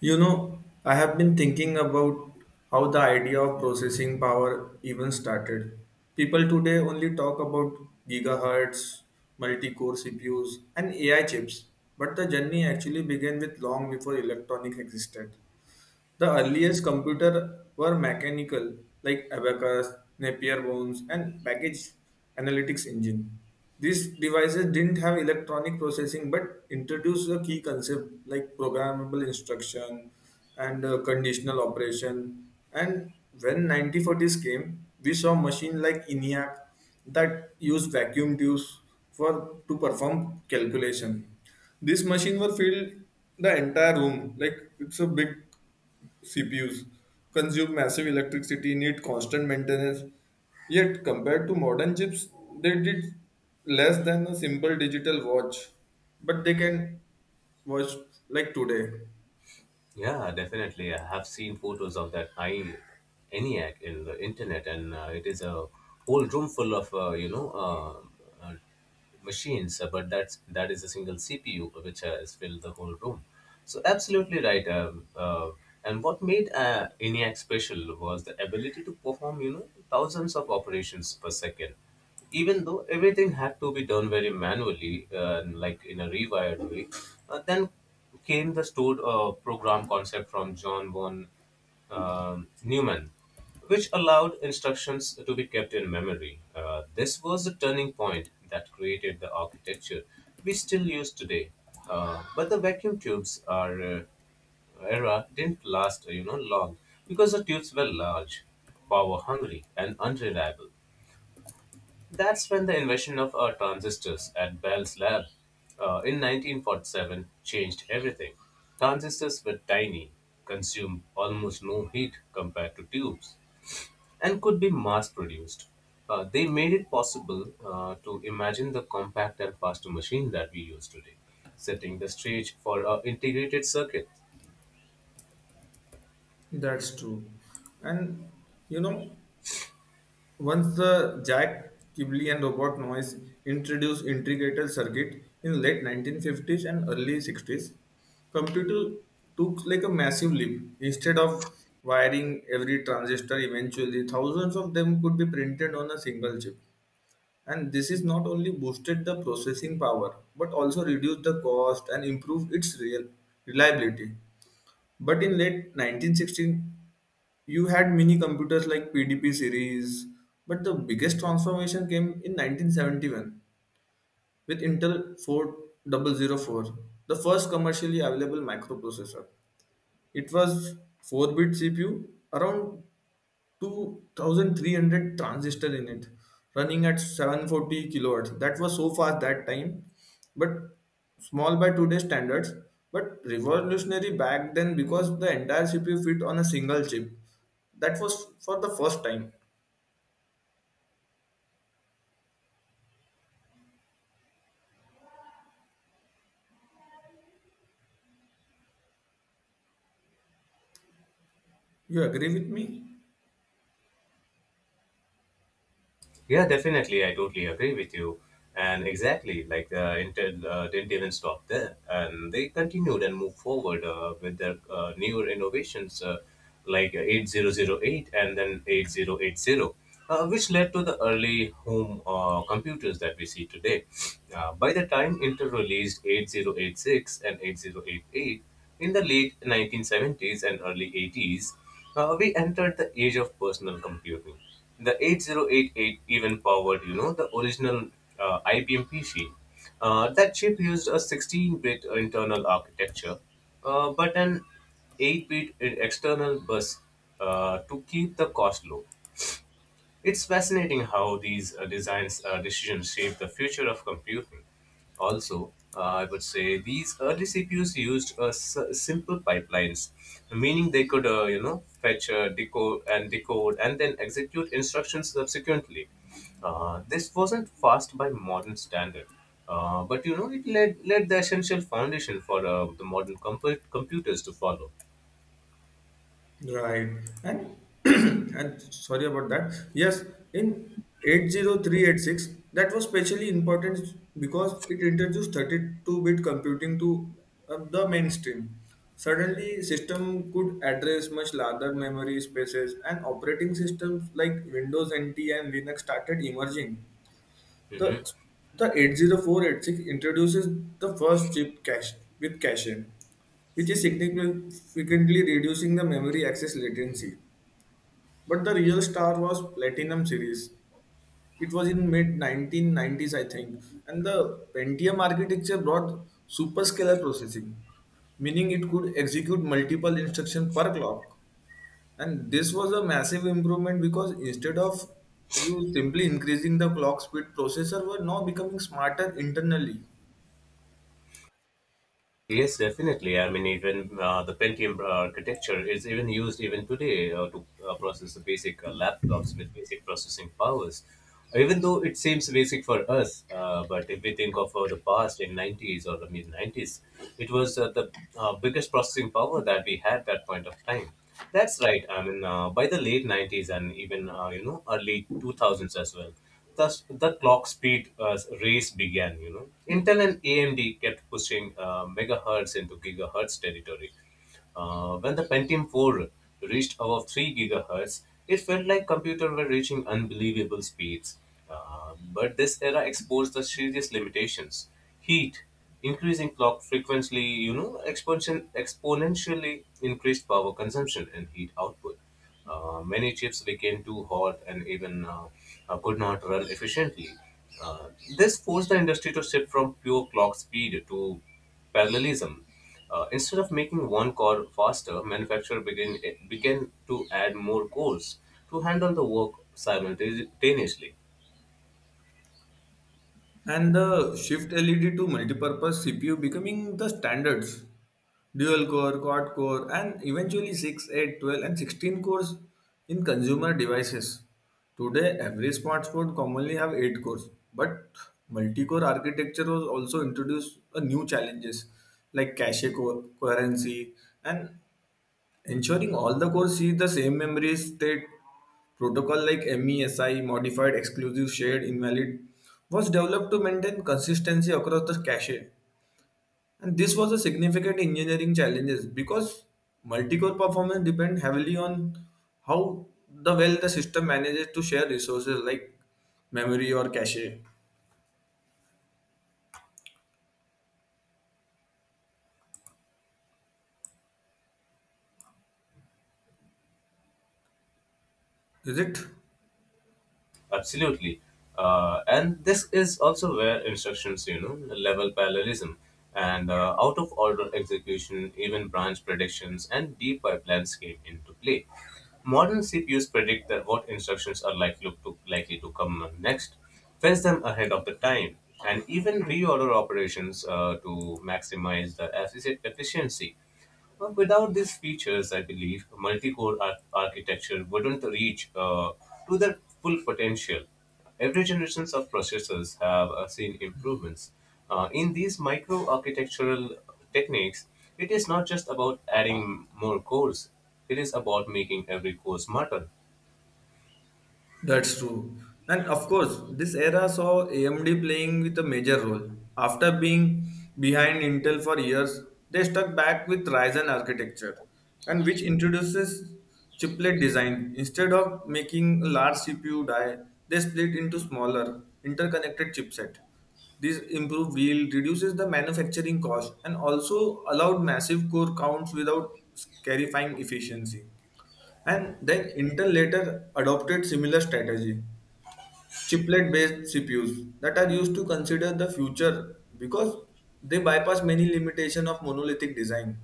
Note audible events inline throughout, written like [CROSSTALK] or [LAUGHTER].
You know, I have been thinking about how the idea of processing power even started. People today only talk about gigahertz, multi core CPUs, and AI chips, but the journey actually began with long before electronic existed. The earliest computers were mechanical, like abacus, Napier bones, and package analytics engine. These devices didn't have electronic processing but introduced a key concept like programmable instruction and conditional operation. And when 1940s came, we saw machines like ENIAC that used vacuum tubes for to perform calculation. This machine were filled the entire room like it's a big CPUs consume massive electricity, need constant maintenance. Yet, compared to modern chips, they did less than a simple digital watch, but they can watch like today. Yeah, definitely. I have seen photos of that high ENIAC in the internet, and it is a whole room full of machines. But that is a single CPU which has filled the whole room. So absolutely right. And what made ENIAC special was the ability to perform thousands of operations per second, even though everything had to be done very manually, like in a rewired way. Then came the stored program concept from John von Newman, which allowed instructions to be kept in memory. This was the turning point that created the architecture we still use today. But the vacuum tubes are era didn't last long, because the tubes were large, power hungry, and unreliable. That's when the invention of transistors at Bell's lab in 1947 changed everything. Transistors were tiny, consumed almost no heat compared to tubes, and could be mass produced. They made it possible to imagine the compact and faster machine that we use today, setting the stage for integrated circuit. That's true. And you know, once the Jack Kibble and Robert Noyce introduced integrated circuit in late 1950s and early 60s, computer took like a massive leap. Instead of wiring every transistor eventually, thousands of them could be printed on a single chip. And this is not only boosted the processing power, but also reduced the cost and improved its real reliability. But in late 1960s, you had mini computers like PDP series, but the biggest transformation came in 1971 with Intel 4004, the first commercially available microprocessor. It was 4 bit CPU, around 2300 transistor in it running at 740 kilowatts that was so fast that time but small by today's standards but revolutionary back then because the entire cpu fit on a single chip that was for the first time you agree with me. Yeah, definitely. I totally agree with you. And exactly, like Intel didn't even stop there. And they continued and moved forward with their newer innovations, like 8008 and then 8080, which led to the early home computers that we see today. By the time Intel released 8086 and 8088 in the late 1970s and early 80s, we entered the age of personal computing. The 8088 even powered the original IBM PC. That chip used a 16-bit internal architecture, but an 8-bit external bus to keep the cost low. It's fascinating how these designs decisions shape the future of computing. Also, I would say these early CPUs used simple pipelines, meaning they could, fetch, decode, and then execute instructions subsequently. This wasn't fast by modern standard, but it led the essential foundation for the modern computers to follow. Right. And [CLEARS THROAT] and sorry about that. Yes, in 80386, that was specially important because it introduced 32-bit computing to the mainstream. Suddenly, system could address much larger memory spaces, and operating systems like Windows NT and Linux started emerging. Mhm. The the 80486 introduces the first chip cache with cache, which is significantly reducing the memory access latency. But the real star was Platinum series. It was in mid 1990s, I think, and the Pentium architecture brought superscalar processing, meaning it could execute multiple instructions per clock. And this was a massive improvement because instead of you simply increasing the clock speed, processor were now becoming smarter internally. Yes, definitely. I mean, even the Pentium architecture is even used even today to process the basic laptops with basic processing powers. Even though it seems basic for us, but if we think of the past in 90s or the mid 90s, it was the biggest processing power that we had at that point of time. That's right. I mean, by the late 90s and even early 2000s as well. Thus, the clock speed race began. Intel and AMD kept pushing megahertz into gigahertz territory. When the Pentium 4 reached above 3 gigahertz, it felt like computers were reaching unbelievable speeds. But this era exposed the serious limitations. Heat, increasing clock frequency, expansion exponentially increased power consumption and heat output. Many chips became too hot and even could not run efficiently. Uh, this forced the industry to shift from pure clock speed to parallelism. Instead of making one core faster, manufacturer began to add more cores to handle the work simultaneously. And the shift LED to multipurpose CPU becoming the standards. Dual core, quad core, and eventually 6, 8, 12, and 16 cores in consumer devices. Today, every smartphone commonly have 8 cores, but multi-core architecture was also introduced a new challenges like cache coherency and ensuring all the cores see the same memory state protocol like MESI, modified exclusive shared invalid, was developed to maintain consistency across the cache. And this was a significant engineering challenge because multi-core performance depend heavily on how the well the system manages to share resources like memory or cache. Is it? Absolutely. And this is also where instructions, level parallelism and out of order execution, even branch predictions and deep pipelines came into play. Modern CPUs predict that what instructions are likely to come next, fetch them ahead of the time, and even reorder operations to maximize the efficiency. Without these features, I believe multi-core architecture wouldn't reach to their full potential. Every generation of processors have seen improvements. In these micro-architectural techniques, it is not just about adding more cores; it is about making every core smarter. That's true. And of course, this era saw AMD playing with a major role. After being behind Intel for years, they stuck back with Ryzen architecture, and which introduces chiplet design. Instead of making a large CPU die, they split into smaller, interconnected chipset. This improved yield, reduces the manufacturing cost, and also allowed massive core counts without scarifying efficiency. And then Intel later adopted similar strategy, chiplet-based CPUs that are used to consider the future because they bypass many limitation of monolithic design.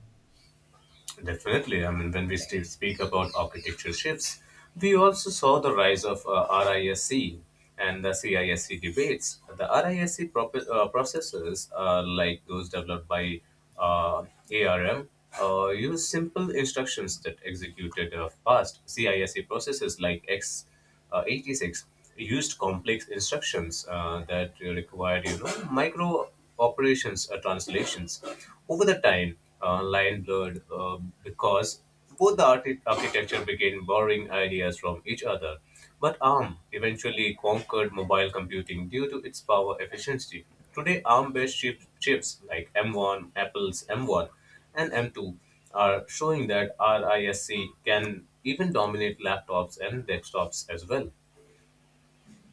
Definitely. I mean, when we still speak about architecture shifts, we also saw the rise of RISC and the CISC debates. The RISC processors, like those developed by uh, ARM, use simple instructions that executed fast. CISC processes like X 86 used complex instructions that required micro operations or translations. Over the time, line blurred, because both the architecture began borrowing ideas from each other, but ARM eventually conquered mobile computing due to its power efficiency. Today, ARM-based chips like m1 apple's m1 and M2 are showing that RISC can even dominate laptops and desktops as well.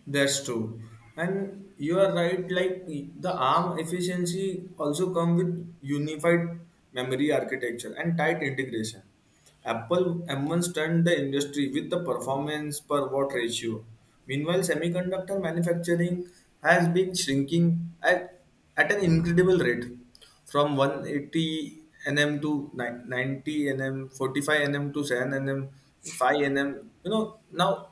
That's true. And you are right, like the ARM efficiency also come with unified memory architecture and tight integration. Apple M1 stunned the industry with the performance per watt ratio. Meanwhile, semiconductor manufacturing has been shrinking at an incredible rate from 180 nm to 90 nm, 45 nm to 7 nm, 5 nm. You know, now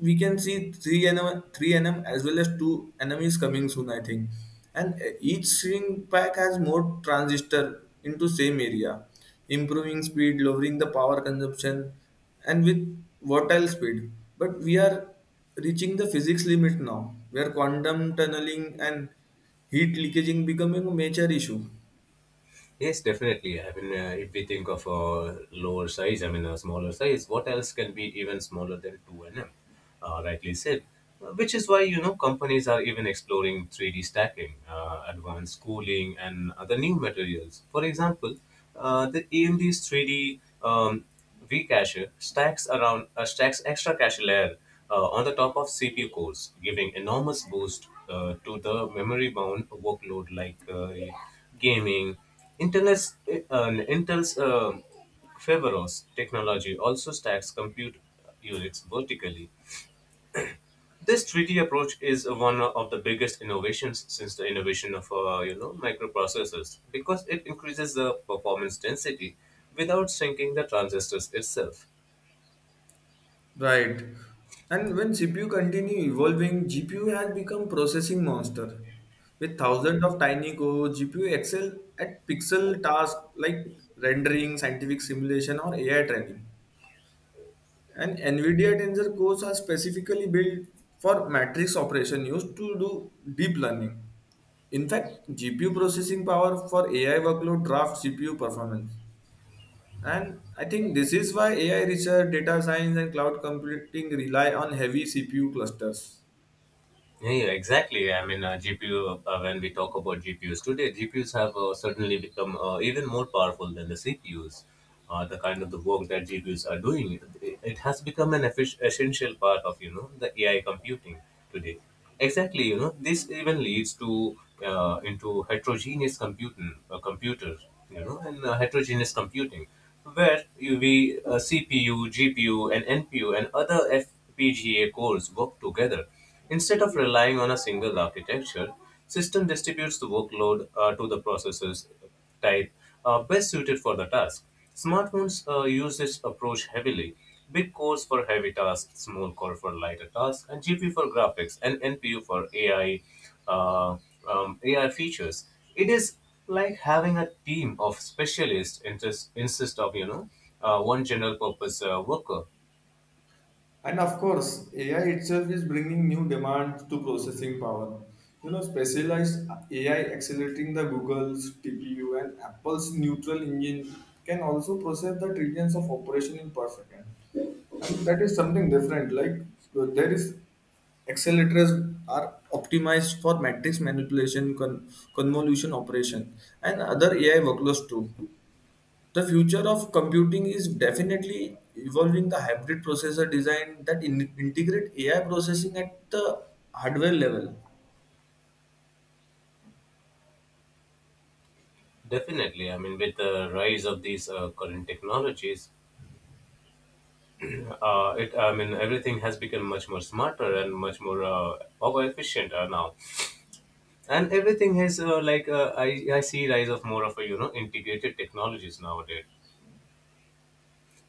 we can see three NM, as well as two NMs coming soon, I think. And each string pack has more transistor into same area, improving speed, lowering the power consumption, and with vertical speed. But we are reaching the physics limit now, where quantum tunneling and heat leakaging becoming a major issue. Yes, definitely. I mean, if we think of a lower size, I mean, a smaller size, what else can be even smaller than 2 nm? Rightly said. Which is why, companies are even exploring 3D stacking, advanced cooling, and other new materials. For example, the AMD's 3D V cache stacks extra cache layer on the top of CPU cores, giving enormous boost to the memory-bound workload like gaming, Internet. Intel's Faveros technology also stacks compute units vertically. This 3D approach is one of the biggest innovations since the innovation of microprocessors, because it increases the performance density without shrinking the transistors itself. Right. And when CPU continue evolving, GPU has become processing monster. With thousands of tiny cores, GPU excel at pixel tasks like rendering, scientific simulation, or AI training. And NVIDIA Tensor cores are specifically built for matrix operation used to do deep learning. In fact, GPU processing power for AI workload drafts CPU performance. And I think this is why AI research, data science, and cloud computing rely on heavy CPU clusters. Yeah, yeah, exactly. I mean, when we talk about GPUs today, GPUs have certainly become even more powerful than the CPUs. The kind of the work that GPUs are doing, it has become an essential part of, the AI computing today. Exactly, this even leads to into heterogeneous computing, computer, you know, and heterogeneous computing, where you we CPU, GPU, and NPU and other FPGA cores work together. Instead of relying on a single architecture, system distributes the workload to the processes type best suited for the task. Smartphones use this approach heavily. Big cores for heavy tasks, small core for lighter tasks, and GPU for graphics, and NPU for AI, uh, AI features. It is like having a team of specialists interest, instead of one general purpose worker. And of course, AI itself is bringing new demands to processing power. You know, specialized AI accelerating the Google's TPU and Apple's neutral engine can also process the trillions of operation in per second. And that is something different. Like there is accelerators are optimized for matrix manipulation, convolution operation, and other AI workloads too. The future of computing is definitely evolving the hybrid processor design that integrate AI processing at the hardware level. Definitely, I mean, with the rise of these current technologies, it I mean, everything has become much more smarter and much more power efficient now, and everything has I see rise of more of a integrated technologies nowadays.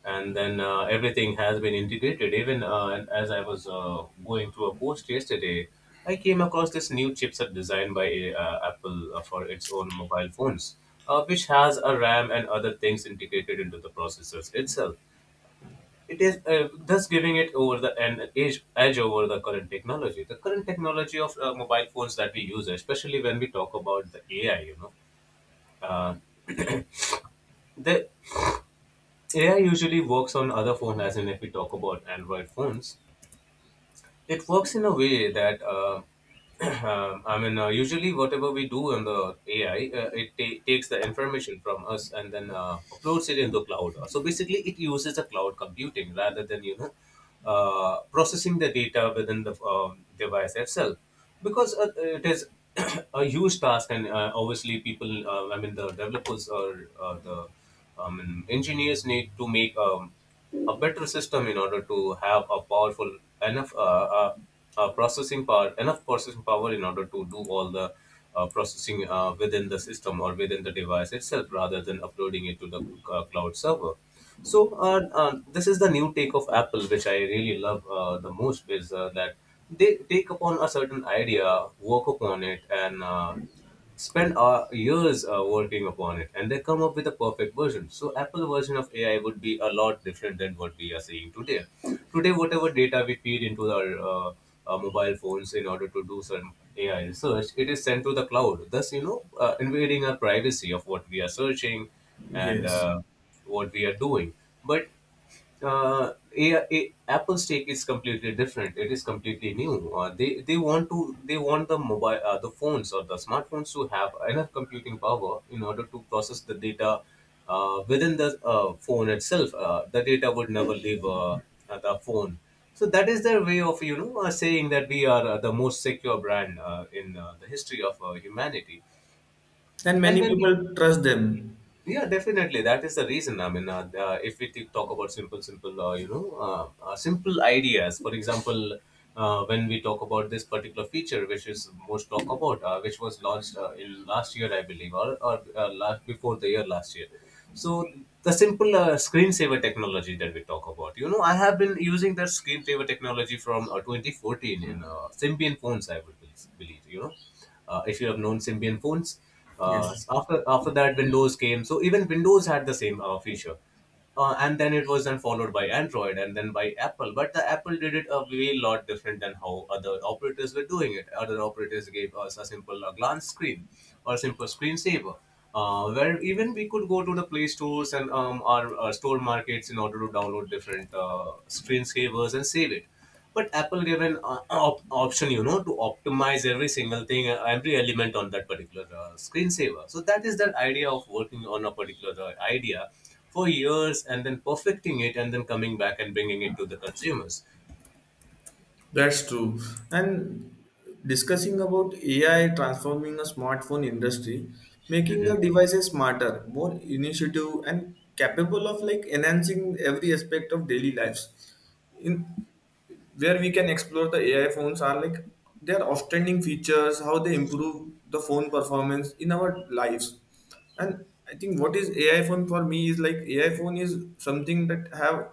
And then everything has been integrated. Even as I was going through a post yesterday, I came across this new chipset designed by Apple for its own mobile phones, which has a RAM and other things integrated into the processors itself. It is thus giving it over the an edge over the current technology. The current technology of mobile phones that we use, especially when we talk about the AI, uh, the AI usually works on other phone, as in if we talk about Android phones. It works in a way that [CLEARS THROAT] usually whatever we do on the AI, it takes the information from us and then uploads it in the cloud. So basically, it uses the cloud computing rather than processing the data within the device itself, because it is [COUGHS] [CLEARS THROAT] a huge task, and obviously people, the developers or the engineers need to make a better system in order to have a powerful enough uh, processing power enough processing power in order to do all the processing within the system or within the device itself rather than uploading it to the cloud server. So this is the new take of Apple, which I really love the most, is that they take upon a certain idea, work upon it, and spend years working upon it, and they come up with a perfect version. So Apple version of AI would be a lot different than what we are seeing today. Today, whatever data we feed into our mobile phones in order to do some AI research, it is sent to the cloud, thus invading our privacy of what we are searching and Yes. What we are doing. But Apple's take is completely different. It is completely new. They want the phones or the smartphones to have enough computing power in order to process the data within the phone itself. The data would never leave the phone. So that is their way of saying that we are the most secure brand in the history of humanity. And And many when we, people trust them. yeah, definitely. That is the reason. I mean, if we talk about simple ideas. For example, when we talk about this particular feature, which is most talk about, which was launched in last year, I believe, or last before the year last year. So the simple screensaver technology that we talk about, I have been using that screensaver technology from 2014 in Symbian phones. I would believe, if you have known Symbian phones. Uh, Yes, s- after after that, Windows came. So even Windows had the same feature. And then it was then followed by Android and then by Apple. But the Apple did it a way lot different than how other operators were doing it. Other operators gave us a simple glance screen or a simple screensaver, where even we could go to the Play Stores and our store markets in order to download different screensavers and save it. But Apple gave an option, you know, to optimize every single thing, every element on that particular screensaver. So that is that idea of working on a particular idea for years and then perfecting it and then coming back and bringing it to the consumers. that's true. And discussing about AI transforming a smartphone industry, making the Mhm. devices smarter, more initiative, and capable of like enhancing every aspect of daily lives. In where we can explore the AI phones are like their outstanding features, how they improve the phone performance in our lives. And I think what is AI phone for me is like AI phone is something that have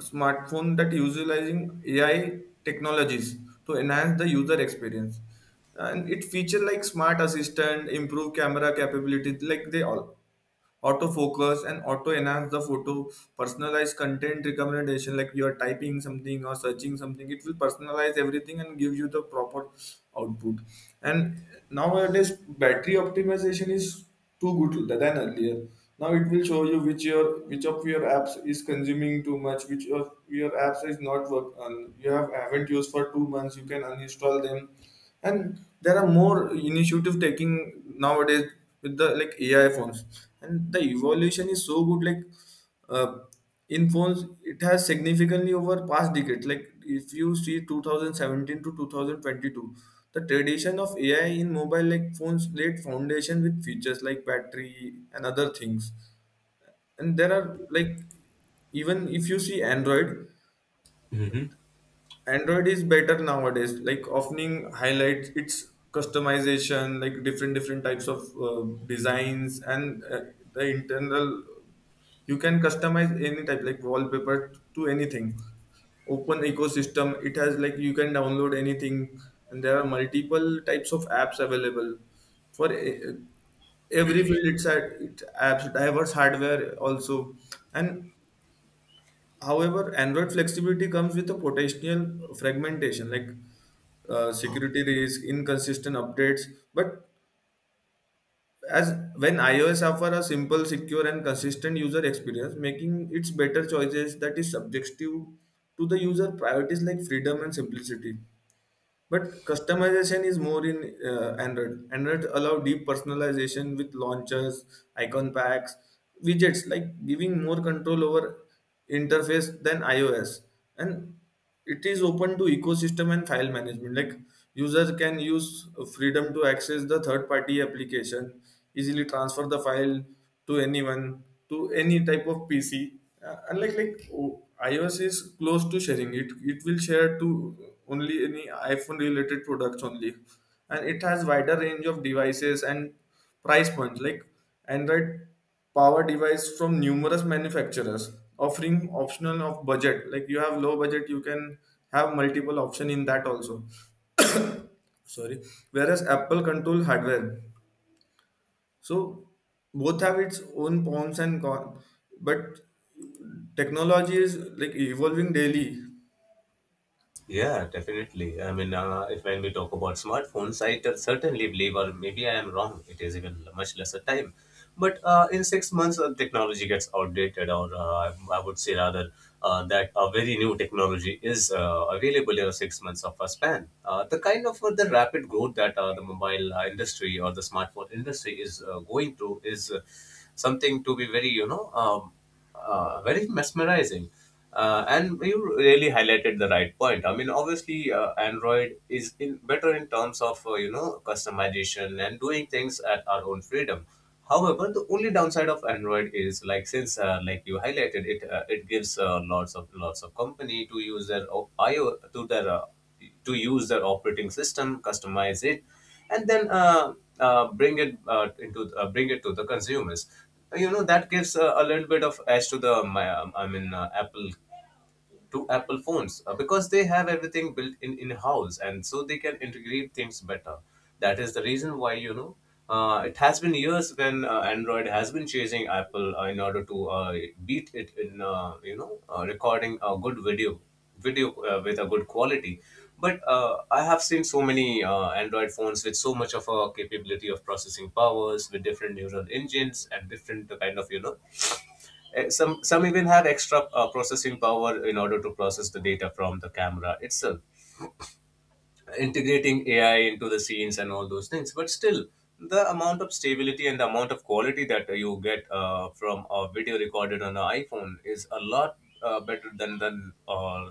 smartphone that utilizing AI technologies to enhance the user experience. And it feature like smart assistant, improve camera capabilities, like they all autofocus and auto enhance the photo personalized content recommendation like you are typing something or searching something it will personalize everything and give you the proper output. And nowadays battery optimization is too good than earlier. Now it will show you which your which of your apps is consuming too much, which of your apps is not work and you have haven't used for 2 months you can uninstall them. And there are more initiative taking nowadays with the like AI phones, and the evolution is so good. Like uh, in phones, it has significantly over past decade. Like if you see 2017 to 2022, the tradition of AI in mobile like phones laid foundation with features like battery and other things. And there are like even if you see Android. Mhm. Android is better nowadays. Like often highlights its customization, like different types of designs and the internal. You can customize any type like wallpaper to anything. Open ecosystem. It has like you can download anything, and there are multiple types of apps available for every field. It's at it apps diverse hardware also. And however, Android flexibility comes with a potential fragmentation, like security risk, inconsistent updates. But as when iOS offer a simple, secure, and consistent user experience, making its better choices that is subjective to the user priorities like freedom and simplicity. But customization is more in Android. Android allow deep personalization with launchers, icon packs, widgets, like giving more control over interface than iOS. And it is open to ecosystem and file management. Like users can use freedom to access the third-party application, easily transfer the file, to anyone to any type of pc unlike like o- iOS is close to sharing it, it will share to only any iPhone related products only. And it has wider range of devices and price points like Android power device from numerous manufacturers offering optional of budget like you have low budget you can have multiple option in that also. Sorry. Whereas Apple control hardware. So both have its own pros and cons, but technology is like evolving daily. Yeah, definitely. I mean, if when we talk about smartphones, I certainly believe, or maybe I am wrong, it is even much lesser time. But in 6 months, technology gets outdated, or I would say rather that a very new technology is available in a 6 months of a span. The kind of the rapid growth that the mobile industry or the smartphone industry is going through is something to be very, very mesmerizing. And you really highlighted the right point. I mean, obviously, Android is in better in terms of you know customization and doing things at our own freedom. However, the only downside of Android is like since like you highlighted it, it gives lots of lots of company to use their IO to their to use their operating system, customize it, and then bring it into bring it to the consumers. You know that gives a little bit of edge to the my, I mean Apple, to Apple phones because they have everything built in house, and so they can integrate things better. That is the reason why, you know, it has been years when Android has been chasing Apple in order to beat it in recording a good video with a good quality. But I have seen so many Android phones with so much of a capability of processing powers, with different neural engines and different kind of, you know, some even have extra processing power in order to process the data from the camera itself, integrating AI into the scenes and all those things. But still, the amount of stability and the amount of quality that you get from a video recorded on an iPhone is a lot uh, better than than uh,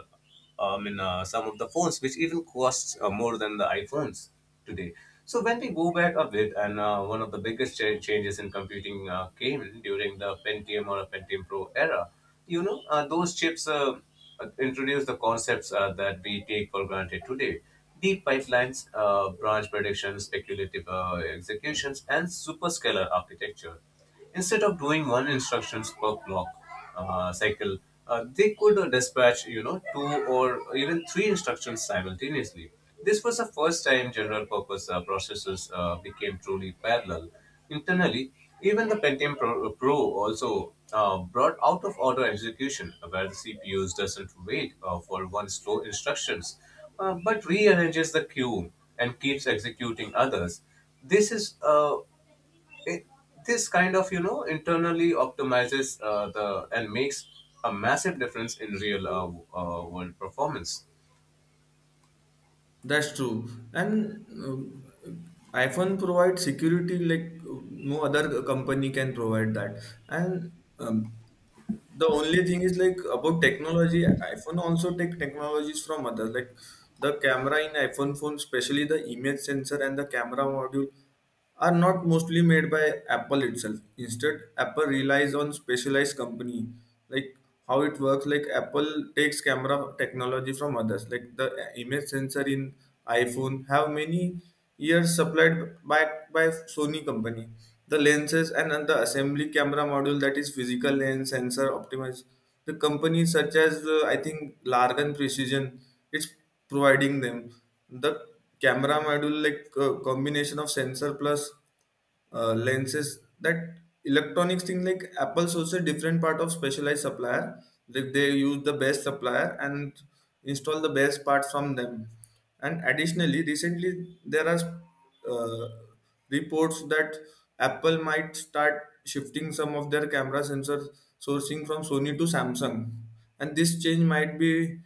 I mean uh, some of the phones, which even costs more than the iPhones today. So when we go back a bit, and one of the biggest changes in computing came during the Pentium or Pentium Pro era. Those chips introduce the concepts that we take for granted today: deep pipelines, branch prediction, speculative executions, and superscalar architecture. Instead of doing one instructions per clock cycle, they could dispatch, you know, two or even three instructions simultaneously. This was the first time general purpose processors became truly parallel. Internally, even the Pentium Pro also brought out of order execution, where the CPUs doesn't wait for one slow instructions, but rearranges the queue and keeps executing others. This is uh, it, this kind of, you know, internally optimizes the and makes a massive difference in real world performance. That's true. And iPhone provides security like no other company can provide that. And um, the only thing is like about technology iPhone also take technologies from others like the camera in iPhone phone especially the image sensor and the camera module are not mostly made by Apple itself, instead Apple relies on specialized company like how it works like Apple takes camera technology from others like the image sensor in iPhone have many years supplied by Sony company. The lenses and the assembly camera module that is physical lens sensor optimized. The companies such as I think Largan Precision, it's providing them the camera module like combination of sensor plus lenses that electronics thing like Apple's also different part of specialized supplier like they use the best supplier and install the best part from them. And additionally recently there are uh, reports that Apple might start shifting some of their camera sensor sourcing from Sony to Samsung, and this change might be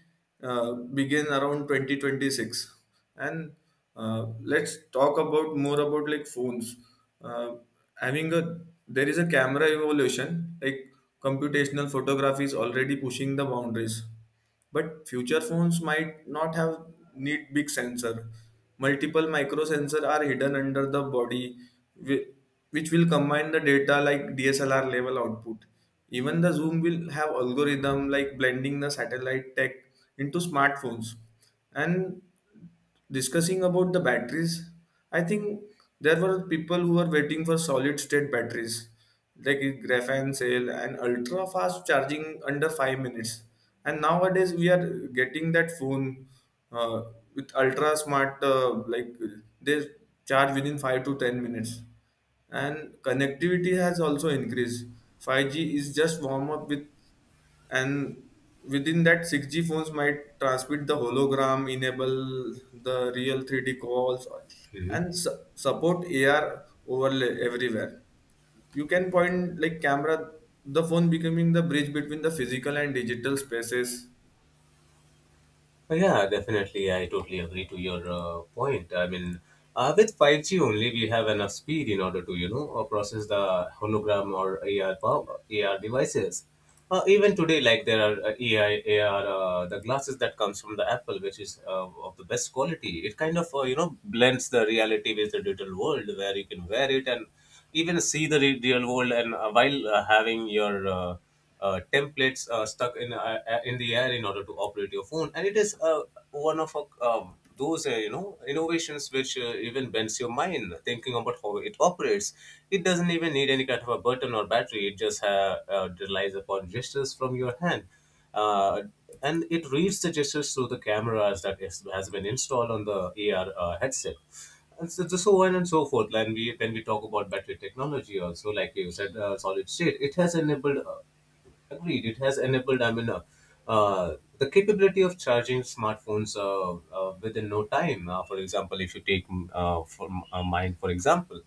begin around 2026. And uh, let's talk about more about like phones uh, having a there is a camera evolution like computational photography is already pushing the boundaries but future phones might not have need big sensor multiple micro sensor are hidden under the body whi- which will combine the data like DSLR level output even the zoom will have algorithm like blending the satellite tech into smartphones. And discussing about the batteries I think there were people who were waiting for solid state batteries like graphene cell and ultra fast charging under 5 minutes. And nowadays we are getting that phone uh, with ultra smart like they charge within 5 to 10 minutes. And connectivity has also increased 5G is just warm up with and within that 6G phones might transmit the hologram enable the real 3D calls Mhm. and support AR overlay everywhere you can point like camera, the phone becoming the bridge between the physical and digital spaces. Yeah, definitely. I totally agree to your point. I mean, with 5G only, we have enough speed in order to, you know, process the hologram or AR devices. Even today, like there are AI, AR, the glasses that comes from the Apple, which is of the best quality. It kind of, you know, blends the reality with the digital world, where you can wear it and even see the real world and while having your templates stuck in the air in order to operate your phone. And it is one of those you know innovations which even bends your mind thinking about how it operates. It doesn't even need any kind of a button or battery. It just relies upon gestures from your hand. Uh, and it reads the gestures through the cameras that is, has been installed on the AR headset and so on and so forth. And when we talk about battery technology, also like you said, solid state, it has enabled. Agreed, it has enabled. I mean, the capability of charging smartphones within no time. For example, if you take for mine, for example.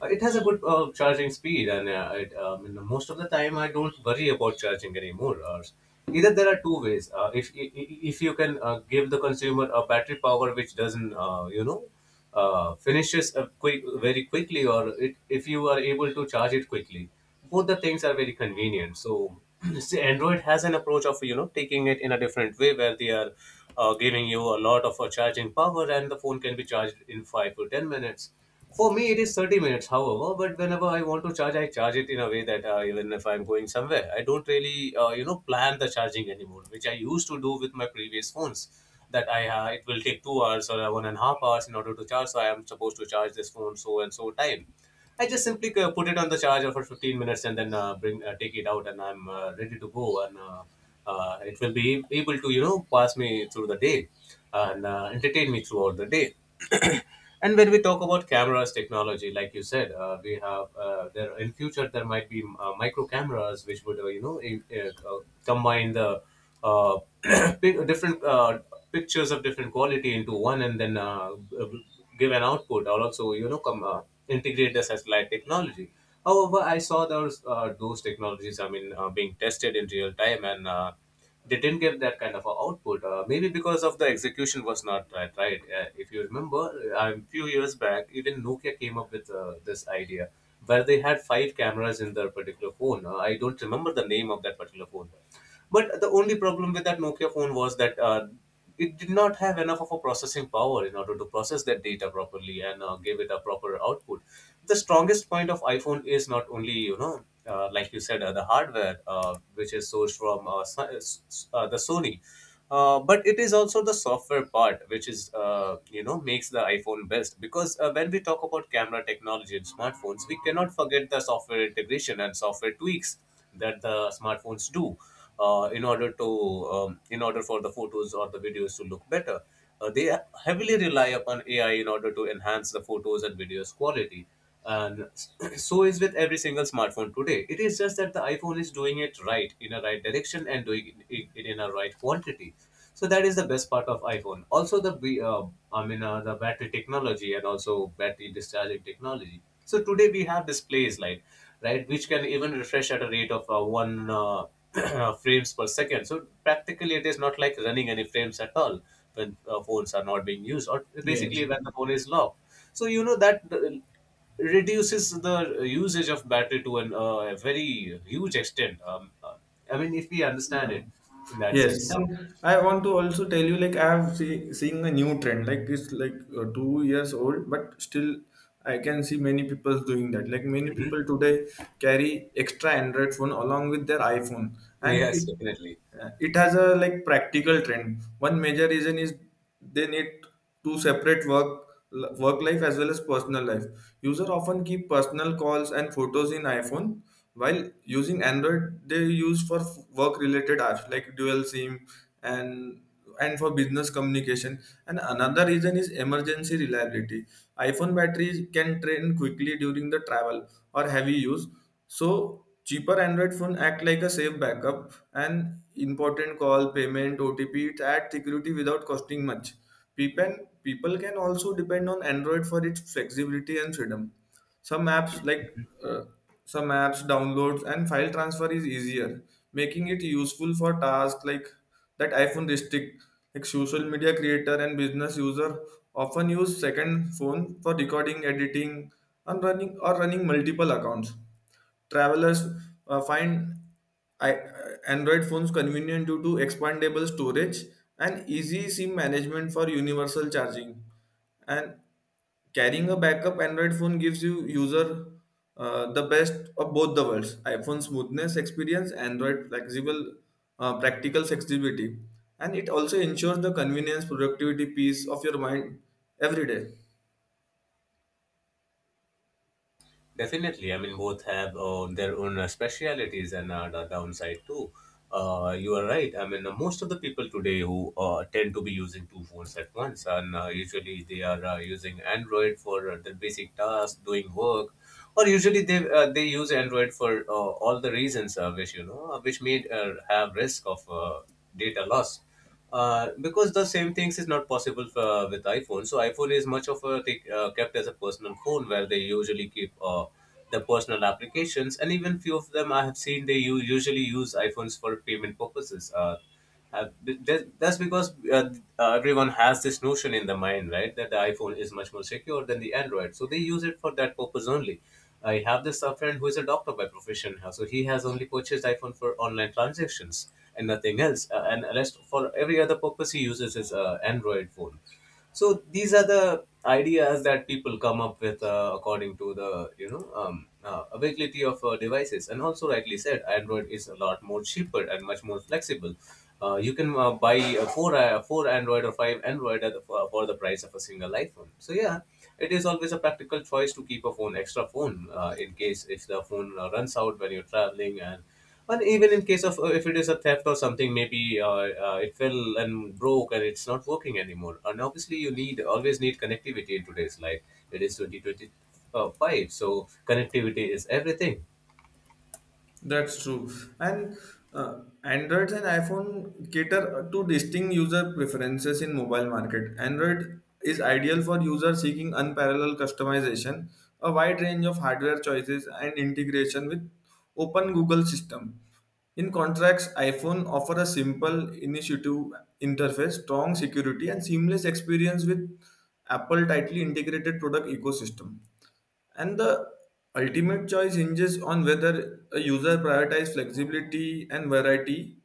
It has a good charging speed, and you know, most of the time I don't worry about charging anymore. Either there are two ways. If I- I- if you can give the consumer a battery power which doesn't, finishes up quick very quickly, or if you are able to charge it quickly, both the things are very convenient. So, [CLEARS THROAT] see, Android has an approach of, you know, taking it in a different way where they are giving you a lot of charging power, and the phone can be charged in 5 to 10 minutes. For me, it is 30 minutes, however, but whenever I want to charge, I charge it in a way that even if I'm going somewhere, I don't really, you know, plan the charging anymore, which I used to do with my previous phones. That I it will take 2 hours or one and a half hours in order to charge, so I am supposed to charge this phone so and so time. I just simply put it on the charger for 15 minutes and then bring take it out, and I'm ready to go, and it will be able to, you know, pass me through the day and entertain me throughout the day. [CLEARS THROAT] And when we talk about cameras technology, like you said, we have there in future there might be micro cameras which would combine the uh, [CLEARS THROAT] different pictures of different quality into one and then give an output, or also, you know, come integrate the satellite technology. However, I saw those technologies, I mean, being tested in real time, and they didn't get that kind of a output maybe because of the execution was not right. If you remember, a few years back, even Nokia came up with this idea where they had five cameras in their particular phone. I don't remember the name of that particular phone, but the only problem with that Nokia phone was that it did not have enough of a processing power in order to process that data properly and give it a proper output. The strongest point of iPhone is not only, you know, like you said, the hardware which is sourced from the Sony, but it is also the software part which is, you know, makes the iPhone best because when we talk about camera technology in smartphones, we cannot forget the software integration and software tweaks that the smartphones do in order to in order for the photos or the videos to look better. They heavily rely upon AI in order to enhance the photos and videos quality. And [CLEARS THROAT] so is with every single smartphone today. It is just that the iPhone is doing it right in a right direction and doing it in a right quantity. So that is the best part of iPhone. Also the the battery technology and also battery discharging technology, so today we have displays like right, which can even refresh at a rate of one [CLEARS THROAT] frames per second. So practically, it is not like running any frames at all when phones are not being used, or Yes. basically when the phone is locked. So you know that reduces the usage of battery to a very huge extent. If we understand Yeah. it in that Yes, sense. So, and I want to also tell you like I have seeing a new trend like it's like 2 years old, but still I can see many people doing that. Like many Mhm. people today carry extra Android phone along with their iPhone, and Yes, definitely. It has a like practical trend. One major reason is they need to separate work life as well as personal life. User often keep personal calls and photos in iPhone, while using Android they use for work related apps like Dual SIM and and for business communication. And another reason is emergency reliability. iPhone batteries can drain quickly during the travel or heavy use, so cheaper Android phone act like a safe backup and important call, payment, OTP, it add security without costing much. People can also depend on Android for its flexibility and freedom. Some apps like uh, some apps downloads and file transfer is easier, making it useful for tasks like that iPhone restrict. Like social media creator and business user often use second phone for recording, editing, and running multiple accounts. Travelers find I, Android phones convenient due to expandable storage and easy SIM management for universal charging. And carrying a backup Android phone gives you user the best of both the worlds: iPhone smoothness experience, Android flexible practical flexibility, and it also ensures the convenience, productivity, peace of your mind every day. Definitely, I mean both have their own specialities and the downside too. You are right. Most of the people today who tend to be using two phones at once, and usually they are using Android for their basic tasks, doing work, or usually they use Android for all the reasons which may have risk of data loss, because the same things is not possible for, with iphone. So iphone is much of a take, kept as a personal phone where they usually keep the personal applications. And even few of them I have seen, they usually use iphones for payment purposes, that's because everyone has this notion in the mind, right, that the iphone is much more secure than the android, so they use it for that purpose only. I have this friend who is a doctor by profession, so he has only purchased iPhone for online transactions and nothing else. And rest for every other purpose, he uses his Android phone. So these are the ideas that people come up with, according to the availability of devices. And also, rightly said, android is a lot more cheaper and much more flexible. You can buy four android or five android at for the price of a single iphone. So yeah, it is always a practical choice to keep a phone extra phone, in case if the phone runs out when you're traveling, and even in case of if it is a theft or something. Maybe it fell and broke and it's not working anymore, and obviously you need always need connectivity in today's life. It is 2025, so connectivity is everything. That's true. And Android and iPhone cater to distinct user preferences in mobile market. Android is ideal for users seeking unparalleled customization, a wide range of hardware choices and integration with open Google system. In contrast, iPhone offer a simple initiative interface, strong security and seamless experience with Apple tightly integrated product ecosystem. And the ultimate choice hinges on whether a user prioritizes flexibility and variety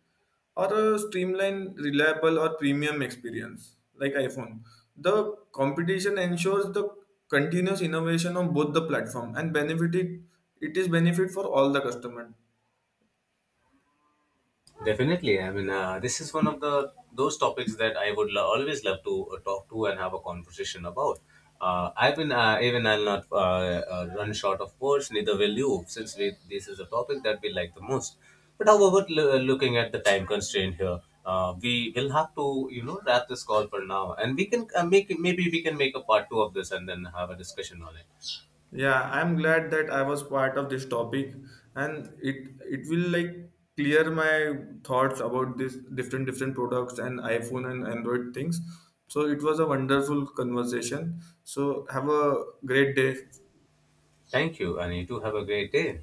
or a streamlined, reliable, or premium experience like iPhone. The competition ensures the continuous innovation on both the platform and benefit it is benefit for all the customer. Definitely. This is one of the those topics that I would always love to talk to and have a conversation about. I've been even I'll not run short of words. Neither will you, since this is a topic that we like the most. But however, looking at the time constraint here, we will have to you know wrap this call for now, and we can make maybe we can make a part two of this and then have a discussion on it. Yeah, I'm glad that I was part of this topic and it will like clear my thoughts about this different products and iPhone and Android things. So it was a wonderful conversation. So have a great day. Thank you, and you too have a great day.